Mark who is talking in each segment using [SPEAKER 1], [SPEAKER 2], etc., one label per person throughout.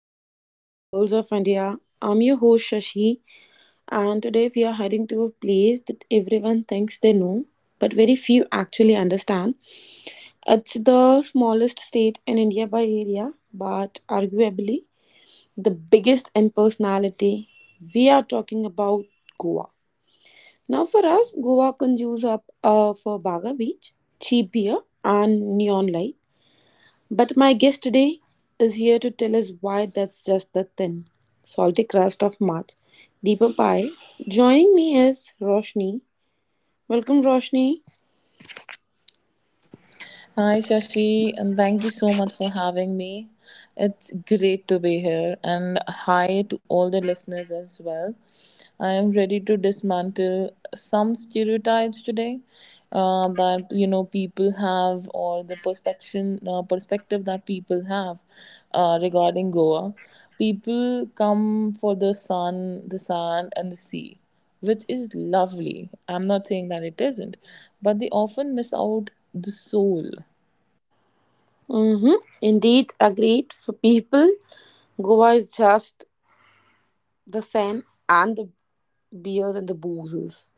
[SPEAKER 1] our series Pearls of India. I'm your host Shashi, and today we are heading to a place that everyone thinks they know, but very few actually understand. It's the smallest state in India by area, but arguably the biggest in personality. We are talking about Goa. Now, for us, Goa conjures up for Baga Beach, cheap beer, and neon light. But my guest today is here to tell us why that's just the thin, salty crust of March. Deeper pie. Joining me is Roshni. Welcome, Roshni.
[SPEAKER 2] Hi, Shashi, and thank you so much for having me. It's great to be here, and hi to all the listeners as well. I am ready to dismantle some stereotypes today, that you know people have, or the perspective perspective that people have regarding Goa. People come for the sun, the sand, and the sea, which is lovely. I'm not saying that it isn't, but they often miss out the soul.
[SPEAKER 1] Mm-hmm. Indeed, agreed. For people, Goa is just the sand and the beers and the boozes.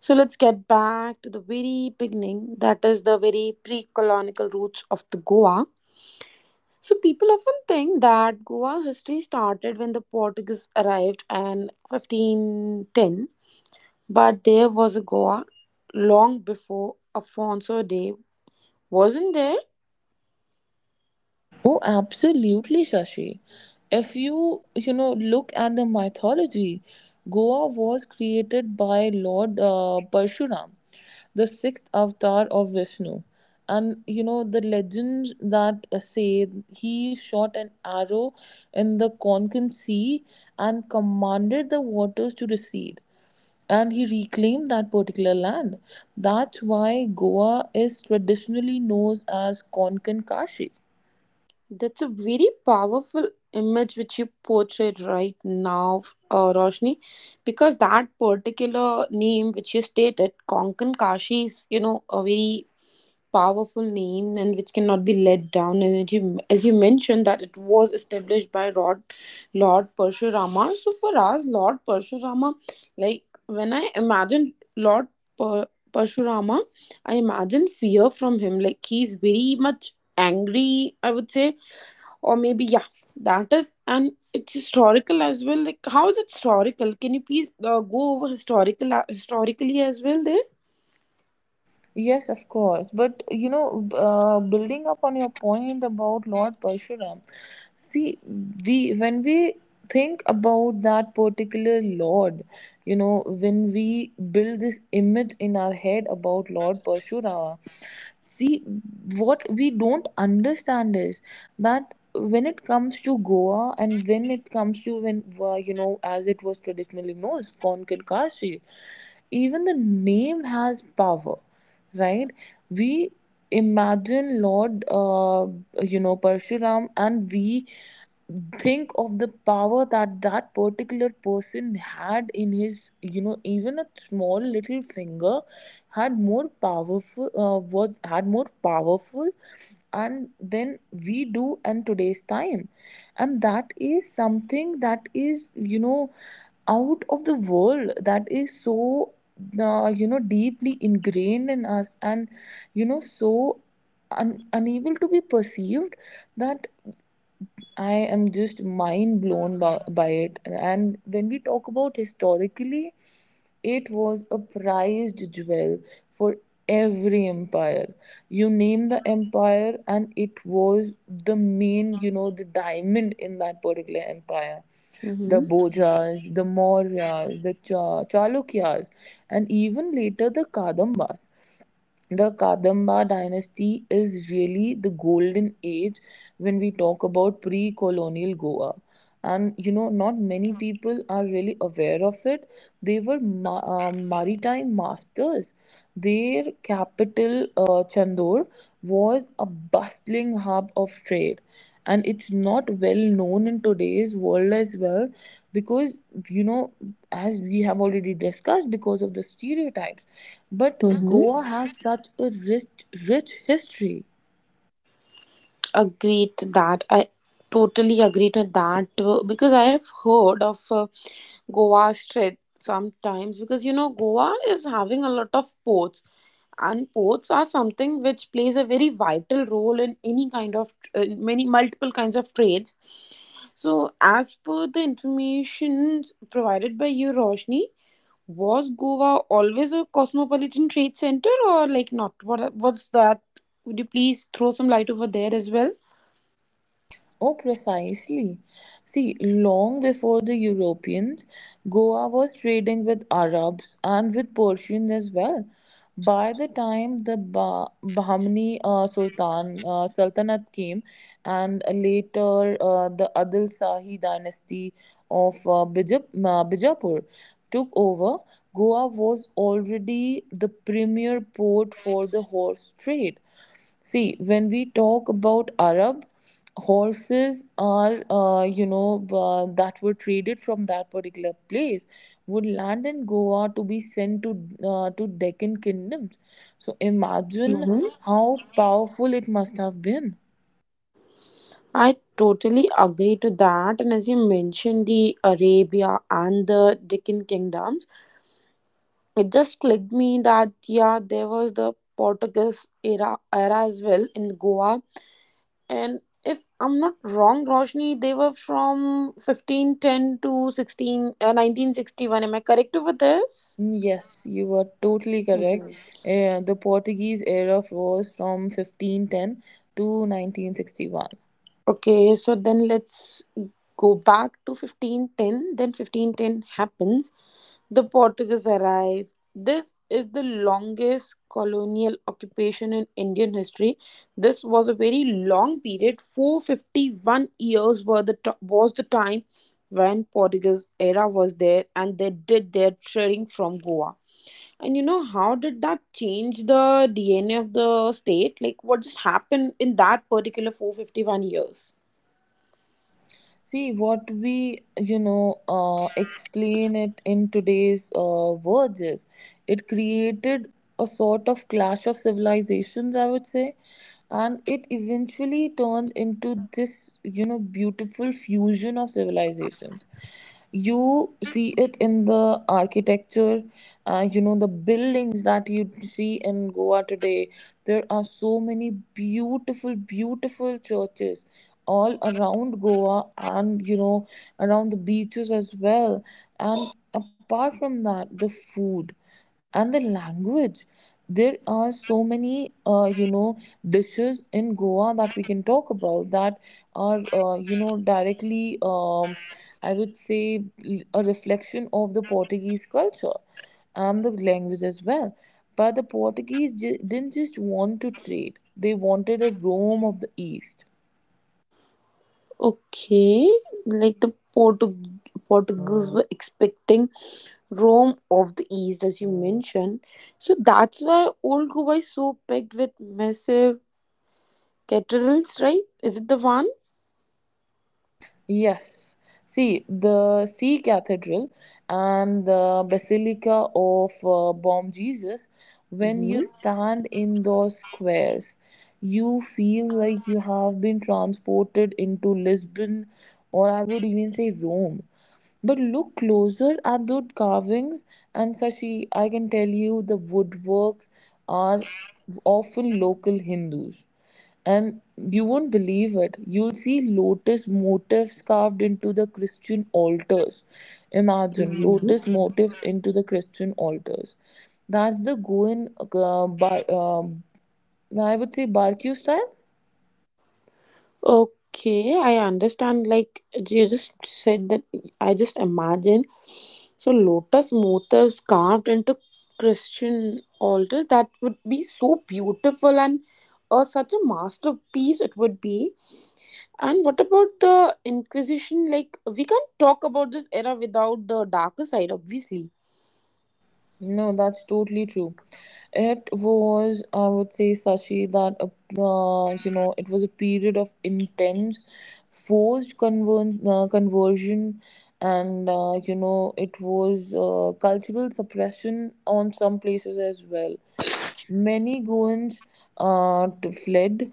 [SPEAKER 1] So let's get back to the very beginning. That is the very pre-colonial roots of the Goa. So people often think that Goa's history started when the Portuguese arrived in 1510, but there was a Goa long before Afonso de, wasn't there?
[SPEAKER 2] Oh, absolutely, Shashi. If you, you know, look at the mythology, Goa was created by Lord Parshuram, the sixth avatar of Vishnu. And, you know, the legends that say he shot an arrow in the Konkan Sea and commanded the waters to recede. And he reclaimed that particular land. That's why Goa is traditionally known as Konkan Kashi.
[SPEAKER 1] That's a very powerful image which you portrayed right now, Roshni, because that particular name which you stated, Konkan Kashi, is you know a very powerful name and which cannot be let down. And as you mentioned, that it was established by Lord Parshurama. So for us, Lord Parshurama, like when I imagine Lord Parshurama, I imagine fear from him. Like he's very much angry, I would say, or maybe, yeah, that is. And it's historical as well. Like, how is it historical? Can you please go over historically as well there?
[SPEAKER 2] Yes, of course. But you know, building up on your point about Lord Parshuram, see, we when we think about that particular Lord, you know, when we build this image in our head about Lord Parshuram, see, what we don't understand is that when it comes to Goa and when it comes to when, you know, as it was traditionally known, as Konkan Kashi, even the name has power, right? We imagine Lord, you know, Parshuram, and we think of the power that that particular person had in his, you know, even a small little finger had more powerful, was had more powerful and then we do in today's time, and that is something that is, you know, out of the world, that is so, you know, deeply ingrained in us and, you know, so unable to be perceived that I am just mind blown by, it. And when we talk about historically, it was a prized jewel for every empire. You name the empire, and it was the main, you know, the diamond in that particular empire. The
[SPEAKER 1] Mm-hmm.
[SPEAKER 2] Bojas, the Mauryas, the Chalukyas, and even later the Kadambas, the Kadamba dynasty is really the golden age when we talk about pre colonial Goa. And you know, not many people are really aware of it. They were maritime masters. Their capital, Chandur, was a bustling hub of trade. And it's not well known in today's world as well because, you know, as we have already discussed, because of the stereotypes, but Goa has such a rich history.
[SPEAKER 1] Agreed that. I totally agree to that because I have heard of Goa Strait sometimes because you know Goa is having a lot of ports and ports are something which plays a very vital role in any kind of in many multiple kinds of trades. So as per the information provided by you, Roshni, was Goa always a cosmopolitan trade center or like not? What's that? Would you please throw some light over there as well?
[SPEAKER 2] Oh, precisely. See, long before the Europeans, Goa was trading with Arabs and with Persians as well. By the time the Bahmani Sultanate came, and later the Adil Shahi dynasty of Bijapur took over, Goa was already the premier port for the horse trade. See, when we talk about Arab, horses are, that were traded from that particular place would land in Goa to be sent to Deccan kingdoms. So imagine how powerful it must have been.
[SPEAKER 1] I totally agree to that. And as you mentioned, the Arabia and the Deccan kingdoms, it just clicked me that, yeah, there was the Portuguese era as well in Goa. And if I'm not wrong, Roshni, they were from 1510 to 16, 1961. Am I correct over this?
[SPEAKER 2] Yes, you are totally
[SPEAKER 1] Hmm.
[SPEAKER 2] correct. The Portuguese era was from 1510 to 1961.
[SPEAKER 1] Okay, so then let's go back to 1510. Then 1510 happens. The Portuguese arrived. This is the longest colonial occupation in Indian history. This was a very long period. 451 years were the was the time when Portuguese era was there and they did their trading from Goa. And you know how did that change the DNA of the state? Like what just happened in that particular 451 years?
[SPEAKER 2] See, what we, you know, explain it in today's words is, it created a sort of clash of civilizations, I would say, and it eventually turned into this, you know, beautiful fusion of civilizations. You see it in the architecture, you know, the buildings that you see in Goa today. There are so many beautiful churches all around Goa, and you know, around the beaches as well. And apart from that, the food and the language. There are so many, you know, dishes in Goa that we can talk about that are, you know, directly, I would say, a reflection of the Portuguese culture and the language as well. But the Portuguese didn't just want to trade, they wanted a Rome of the East.
[SPEAKER 1] Okay, like the Portuguese were expecting Rome of the East, as you mentioned. So that's why old Goa is so packed with massive cathedrals, right? Is it the one?
[SPEAKER 2] Yes. See, the Sea Cathedral and the Basilica of Bom Jesus, when
[SPEAKER 1] Hmm.
[SPEAKER 2] you stand in those squares, you feel like you have been transported into Lisbon or I would even say Rome. But look closer at those carvings, and Sashi, I can tell you the woodworks are often local Hindus. And you won't believe it. You'll see lotus motifs carved into the Christian altars. Imagine
[SPEAKER 1] Hmm.
[SPEAKER 2] lotus motifs into the Christian altars. That's the Goan, I would say, Barkyu style.
[SPEAKER 1] Okay, I understand. Like you just said that, I just imagine. So lotus motifs carved into Christian altars. That would be so beautiful and such a masterpiece. It would be. And what about the Inquisition? Like, we can't talk about this era without the darker side, obviously.
[SPEAKER 2] No, that's totally true. It was, I would say, Sashi, that you know, it was a period of intense, forced conversion, and you know, it was cultural suppression on some places as well. Many Goans fled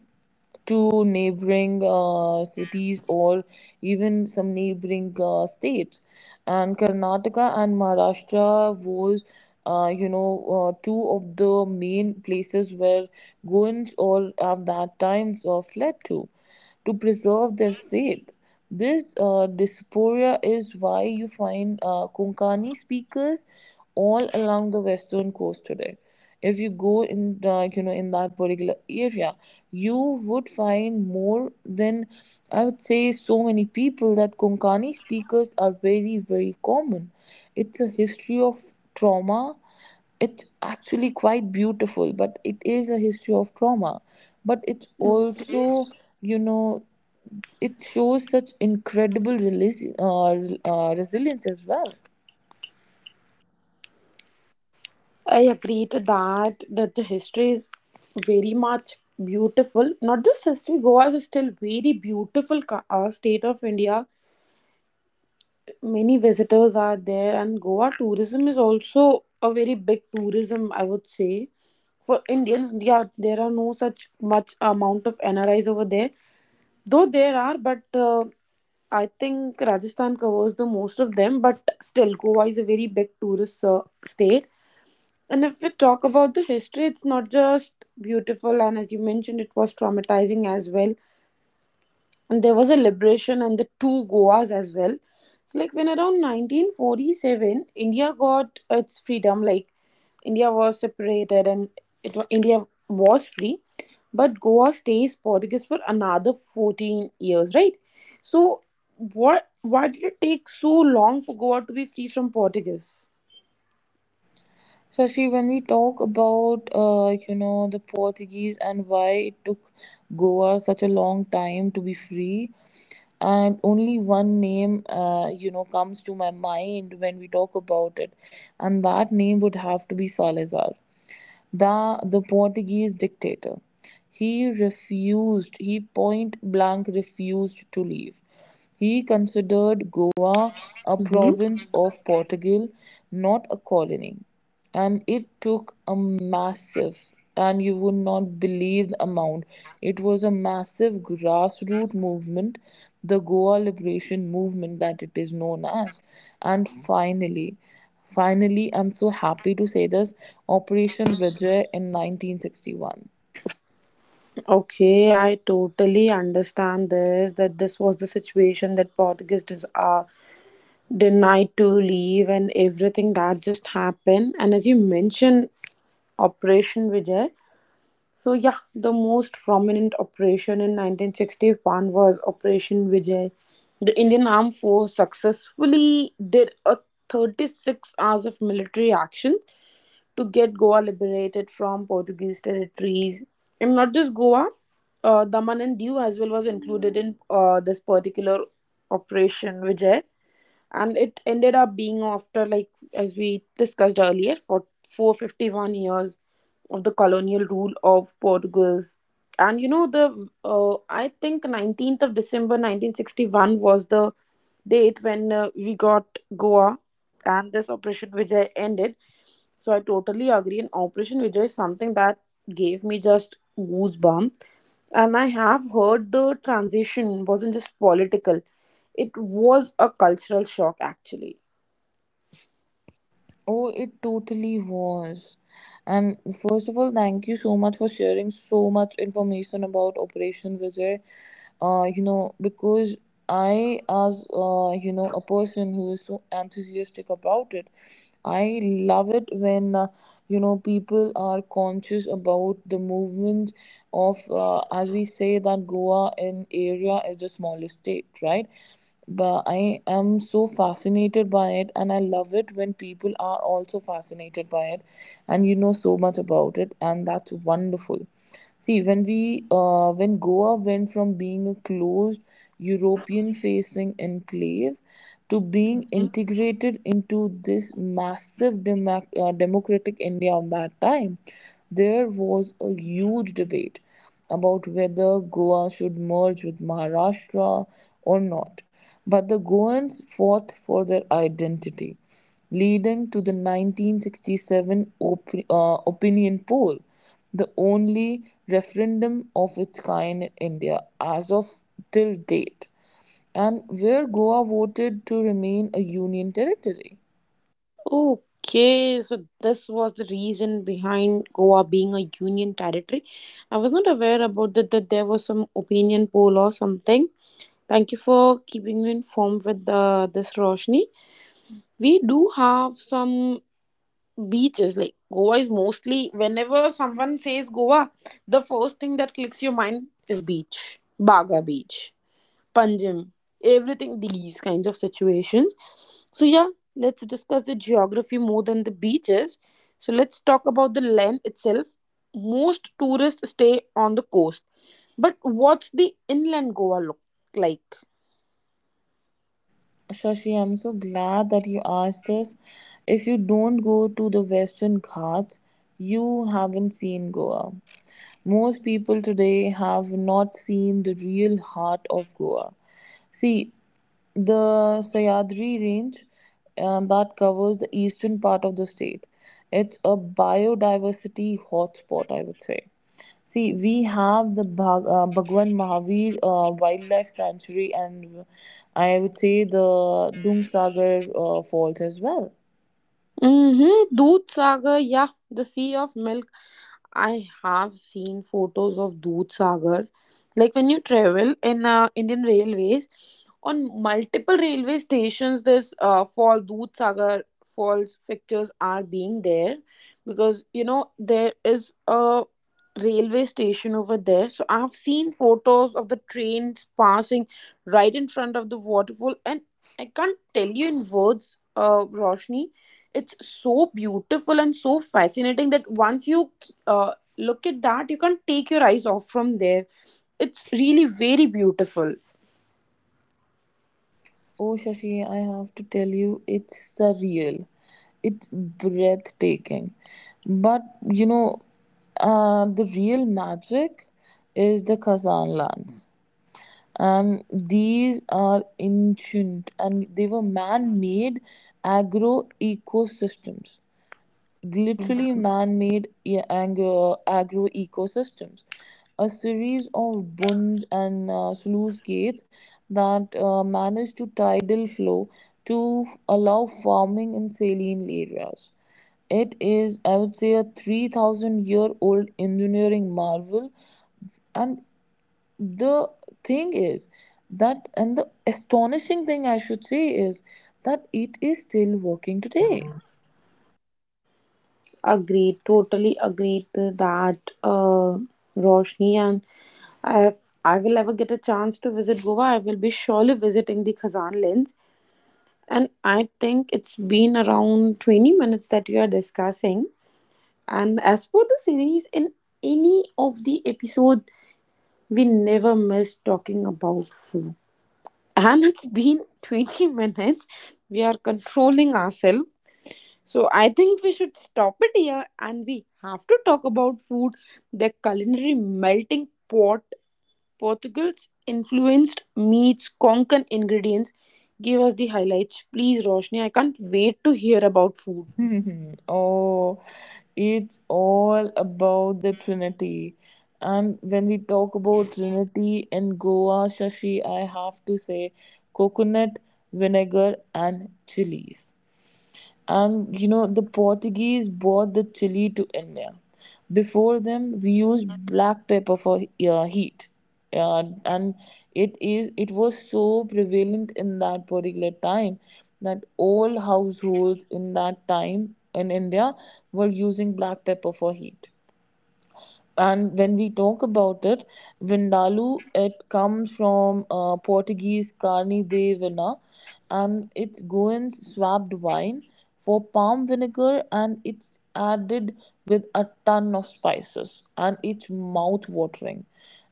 [SPEAKER 2] to neighboring cities or even some neighboring states. And Karnataka and Maharashtra was, two of the main places where Goans or at that time fled to preserve their faith. This diaspora is why you find Konkani speakers all along the western coast today. If you go in the, like you know, in that particular area, you would find more than, I would say, so many people, that Konkani speakers are very common. It's a history of trauma. It's actually quite beautiful, but it is a history of trauma. But it's also, you know, it shows such incredible resilience as well.
[SPEAKER 1] I agree to that, that the history is very much beautiful. Not just history, Goa is still very beautiful state of India. Many visitors are there and Goa tourism is also a very big tourism, I would say. For Indians, yeah, there are no such much amount of NRIs over there. Though there are, but I think Rajasthan covers the most of them. But still, Goa is a very big tourist state. And if we talk about the history, it's not just beautiful, and as you mentioned, it was traumatizing as well and there was a liberation and the two Goas as well. So like when around 1947 India got its freedom, like India was separated and India was free, but Goa stays Portuguese for another 14 years, right? So what why did it take so long for Goa to be free from Portuguese?
[SPEAKER 2] Shashi, when we talk about, like, you know, the Portuguese and why it took Goa such a long time to be free, and only one name, you know, comes to my mind when we talk about it, and that name would have to be Salazar, the Portuguese dictator. He refused, he point blank refused to leave. He considered Goa a
[SPEAKER 1] Hmm.
[SPEAKER 2] province of Portugal, not a colony. And it took a massive, and you would not believe the amount. It was a massive grassroots movement, the Goa Liberation Movement that it is known as. And finally, I'm so happy to say this, Operation Vijay in 1961.
[SPEAKER 1] Okay, I totally understand this that this was the situation that Portuguese is denied to leave and everything that just happened, and as you mentioned, Operation Vijay. So yeah, the most prominent operation in 1961 was Operation Vijay. The Indian armed force successfully did a 36 hours of military action to get Goa liberated from Portuguese territories, and not just Goa, Daman and Diu as well was included in this particular Operation Vijay. And it ended up being after like as we discussed earlier for 451 years of the colonial rule of Portugal's. And you know the I think 19th of December 1961 was the date when we got Goa and this Operation Vijay ended. So I totally agree. And Operation Vijay is something that gave me just goosebump. And I have heard the transition wasn't just political; it was a cultural shock, actually.
[SPEAKER 2] Oh, it totally was. And first of all, thank you so much for sharing so much information about Operation Vijay. You know, because I, as you know, a person who is so enthusiastic about it, I love it when, you know, people are conscious about the movement of, as we say that Goa in area is the smallest state, right? But I am so fascinated by it, and I love it when people are also fascinated by it, and you know so much about it, and that's wonderful. See, when we when Goa went from being a closed European-facing enclave to being integrated into this massive democratic India of that time, there was a huge debate about whether Goa should merge with Maharashtra or not, but the Goans fought for their identity, leading to the 1967 opinion poll, the only referendum of its kind in India as of till date, and where Goa voted to remain a union territory.
[SPEAKER 1] Okay, so this was the reason behind Goa being a union territory. I was not aware about that, that there was some opinion poll or something. Thank you for keeping me informed with this, Roshni. We do have some beaches. Like Goa is mostly whenever someone says Goa, the first thing that clicks your mind is beach, Baga Beach, Panjim, everything, these kinds of situations. So yeah, let's discuss the geography more than the beaches. So let's talk about the land itself. Most tourists stay on the coast, but what's the inland Goa look like?
[SPEAKER 2] Shashi, I'm so glad that you asked this. If you don't go to the Western Ghats, you haven't seen Goa. Most people today have not seen the real heart of Goa. See, the Sayadri range, that covers the eastern part of the state. It's a biodiversity hotspot, I would say. See, we have the Bhagwan Mahavir Wildlife Sanctuary, and I would say the Dungsagar Falls as well.
[SPEAKER 1] Mm-hmm. Doodh Sagar, yeah, the sea of milk. I have seen photos of Doodh Sagar. Like when you travel in Indian railways, on multiple railway stations, this fall Doodh Sagar falls pictures are being there because you know there is a railway station over there. So I've seen photos of the trains passing right in front of the waterfall and I can't tell you in words, Roshni, it's so beautiful and so fascinating that once you uh, look at that you can't take your eyes off from there. It's really very beautiful.
[SPEAKER 2] Oh, Shashi, I have to tell you, it's surreal. It's breathtaking. But, you know, the real magic is the Khazan lands. And these are ancient, and they were man made agro ecosystems, literally
[SPEAKER 1] Mhm.
[SPEAKER 2] man-made agro ecosystems, a series of bunds and sluice gates that manage to tidal flow to allow farming in saline areas. It is, I would say, a 3,000 year old engineering marvel. And the thing is that, and the astonishing thing I should say is, that it is still working today.
[SPEAKER 1] Agreed, totally agreed to that, Roshni. And if I will ever get a chance to visit Goa, I will be surely visiting the Khazan lens. And I think it's been around 20 minutes that we are discussing. And as for the series, in any of the episode, we never miss talking about food. And it's been 20 minutes. We are controlling ourselves. So I think we should stop it here and we have to talk about food. The culinary melting pot, Portugal's influenced meats, Konkan ingredients. Give us the highlights, please, Roshni. I can't wait to hear about food.
[SPEAKER 2] Oh, it's all about the Trinity. And when we talk about Trinity in Goa, Shashi, I have to say coconut, vinegar, and chilies. And you know, the Portuguese brought the chili to India. Before them, we used black pepper for heat. And it is it was so prevalent in that particular time that all households in that time in India were using black pepper for heat. And when we talk about it, Vindaloo, it comes from Portuguese carne de vina, and it's Goan's swapped wine for palm vinegar, and it's added with a ton of spices, and it's mouth watering.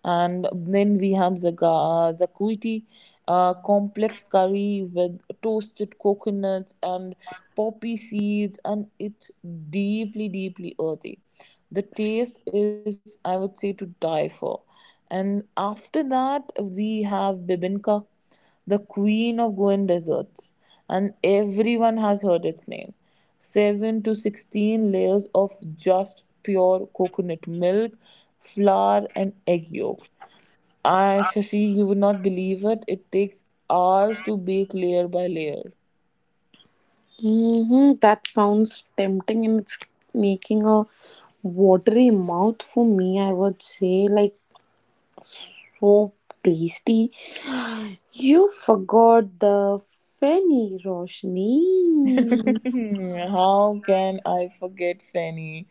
[SPEAKER 2] And then we have zaga, zakuiti, a complex curry with toasted coconuts and poppy seeds, and it's deeply earthy. The taste is, I would say, to die for. And after that we have bibinka, the queen of Goan desserts, and everyone has heard its name. 7 to 16 layers of just pure coconut milk, flour and egg yolk. I Shashi, you would not believe it, it takes hours to bake layer by layer.
[SPEAKER 1] Hmm. That sounds tempting and it's making a watery mouth for me, I would say. Like, so tasty. You forgot the fenny, Roshni.
[SPEAKER 2] How can I forget Fanny?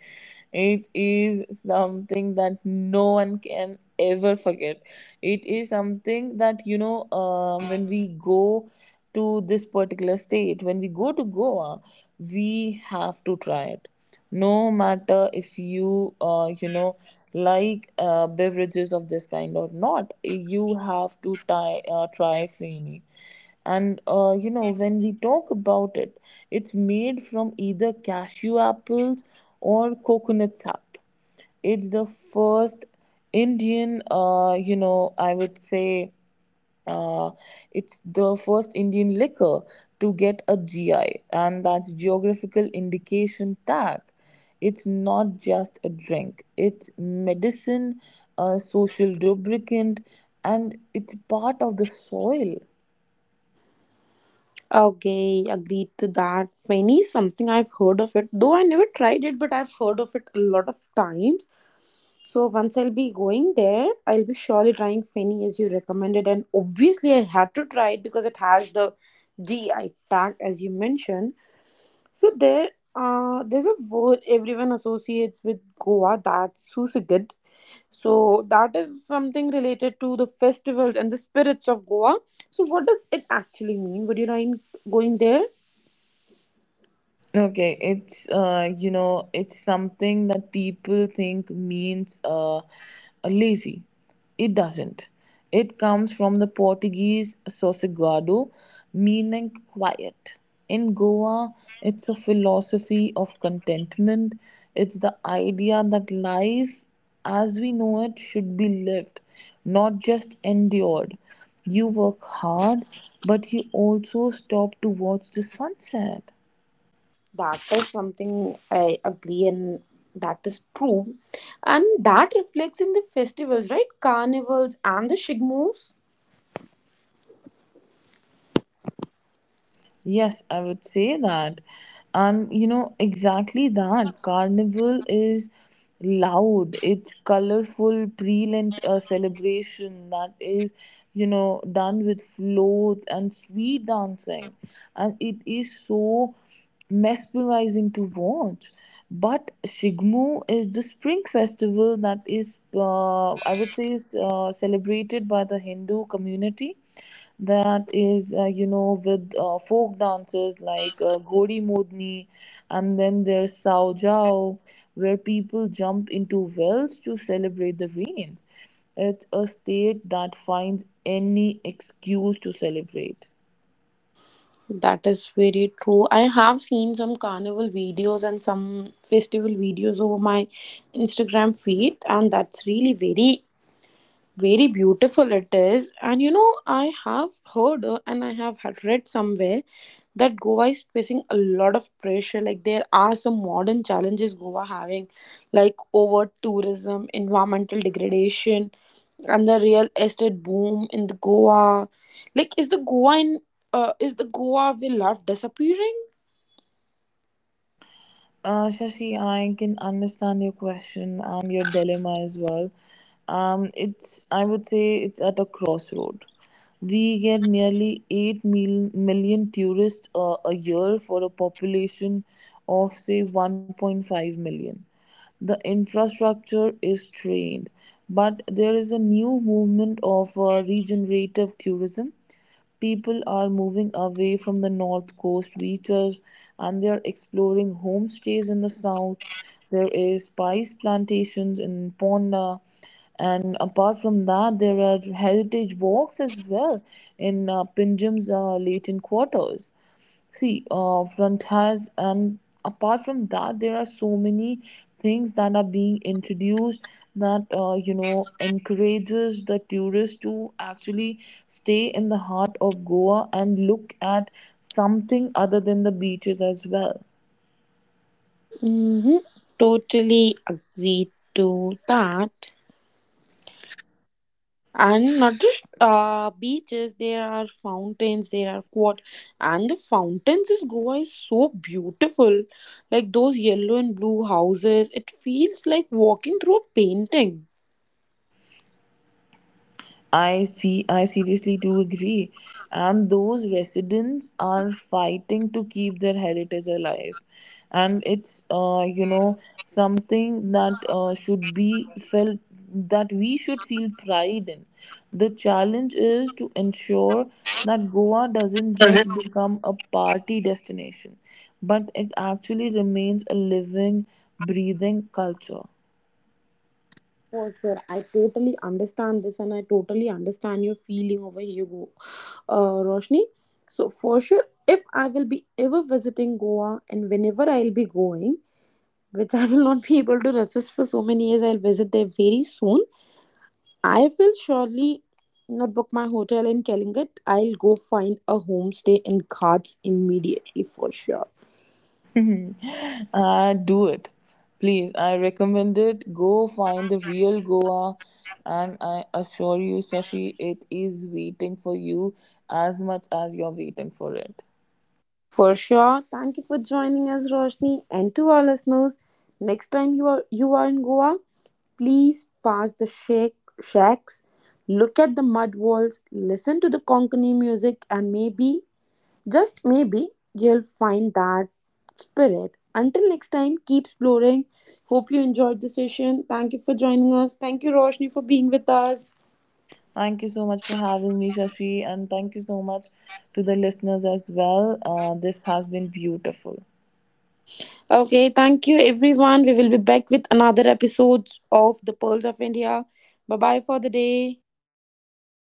[SPEAKER 2] It is something that no one can ever forget. It is something that, when we go to this particular state, when we go to Goa, we have to try it, no matter if you you know like beverages of this kind or not. You have to try feni. And you know, when we talk about it, it's made from either cashew apples or coconut sap. It's the first indian you know I would say uh, it's the first Indian liquor to get a GI, and that's Geographical Indication Tag. It's not just a drink, it's medicine, a social lubricant, and it's part of the soil.
[SPEAKER 1] Okay, agreed to that. Feni is something I've heard of it, though I never tried it, but I've heard of it a lot of times. So once I'll be going there, I'll be surely trying Feni as you recommended, and obviously I had to try it because it has the GI tag as you mentioned. So there, there's a word everyone associates with Goa, that's Susagad. So that is something related to the festivals and the spirits of Goa. So what does it actually mean? Would you mind going there?
[SPEAKER 2] Okay, it's it's something that people think means lazy. It doesn't. It comes from the Portuguese sossegado, meaning quiet. In Goa, it's a philosophy of contentment. It's the idea that life, as we know it, should be lived, not just endured. You work hard, but you also stop to watch the sunset.
[SPEAKER 1] That is something I agree and that is true. And that reflects in the festivals, right? Carnivals and the Shigmos.
[SPEAKER 2] Yes, I would say that. And you know, exactly that. Carnival is loud, it's colorful, brilliant celebration that is, you know, done with floats and sweet dancing. And it is so mesmerizing to watch. But Shigmu is the spring festival that is, I would say, is celebrated by the Hindu community, that is with folk dances like godi modni. And then there's sao jao, where people jump into wells to celebrate the rains. It's a state that finds any excuse to celebrate.
[SPEAKER 1] That is very true. I have seen some carnival videos and some festival videos over my Instagram feed, and that's really very beautiful it is. And you know, I have heard, and I have had read somewhere that Goa is facing a lot of pressure. Like there are some modern challenges Goa having, like over tourism, environmental degradation, and the real estate boom in the Goa. Like is the Goa in, is the Goa we love disappearing?
[SPEAKER 2] Shashi, I can understand your question and your dilemma as well. It's, I would say, it's at a crossroad. We get nearly 8 million tourists a year, for a population of say 1.5 million. The infrastructure is strained, but there is a new movement of regenerative tourism. People are moving away from the north coast beaches, and they are exploring homestays in the south. There is spice plantations in Ponda, and apart from that, there are heritage walks as well in Pinjam's Latin quarters. See, front has, and apart from that, there are so many things that are being introduced that encourages the tourists to actually stay in the heart of Goa and look at something other than the beaches as well.
[SPEAKER 1] Mm-hmm. Totally agree to that. And not just beaches, there are fountains, there are quad. And the fountains in Goa is so beautiful, like those yellow and blue houses, it feels like walking through a painting.
[SPEAKER 2] I see, I seriously do agree. And those residents are fighting to keep their heritage alive. And it's something that should be felt, that we should feel pride in. The challenge is to ensure that Goa doesn't just become a party destination, but it actually remains a living, breathing culture.
[SPEAKER 1] For sure, I totally understand this and I totally understand your feeling over here, Go, Roshni. So for sure, if I will be ever visiting Goa, and whenever I'll be going, which I will not be able to resist for so many years, I'll visit there very soon. I will surely not book my hotel in Calicut. I'll go find a homestay in Ghats immediately for sure.
[SPEAKER 2] Do it, please. I recommend it. Go find the real Goa, and I assure you, Shashi, it is waiting for you as much as you're waiting for it.
[SPEAKER 1] For sure. Thank you for joining us, Roshni, and to our listeners. Next time you are in Goa, please pass the shake, shacks, look at the mud walls, listen to the Konkani music, and maybe. Just maybe you'll find that spirit. Until next time, keep exploring. Hope you enjoyed the session. Thank you for joining us. Thank you, Roshni, for being with us.
[SPEAKER 2] Thank you so much for having me, Shashi, and thank you so much to the listeners as well. This has been beautiful.
[SPEAKER 1] Okay, thank you, everyone. We will be back with another episode of The Pearls of India. Bye bye for the day.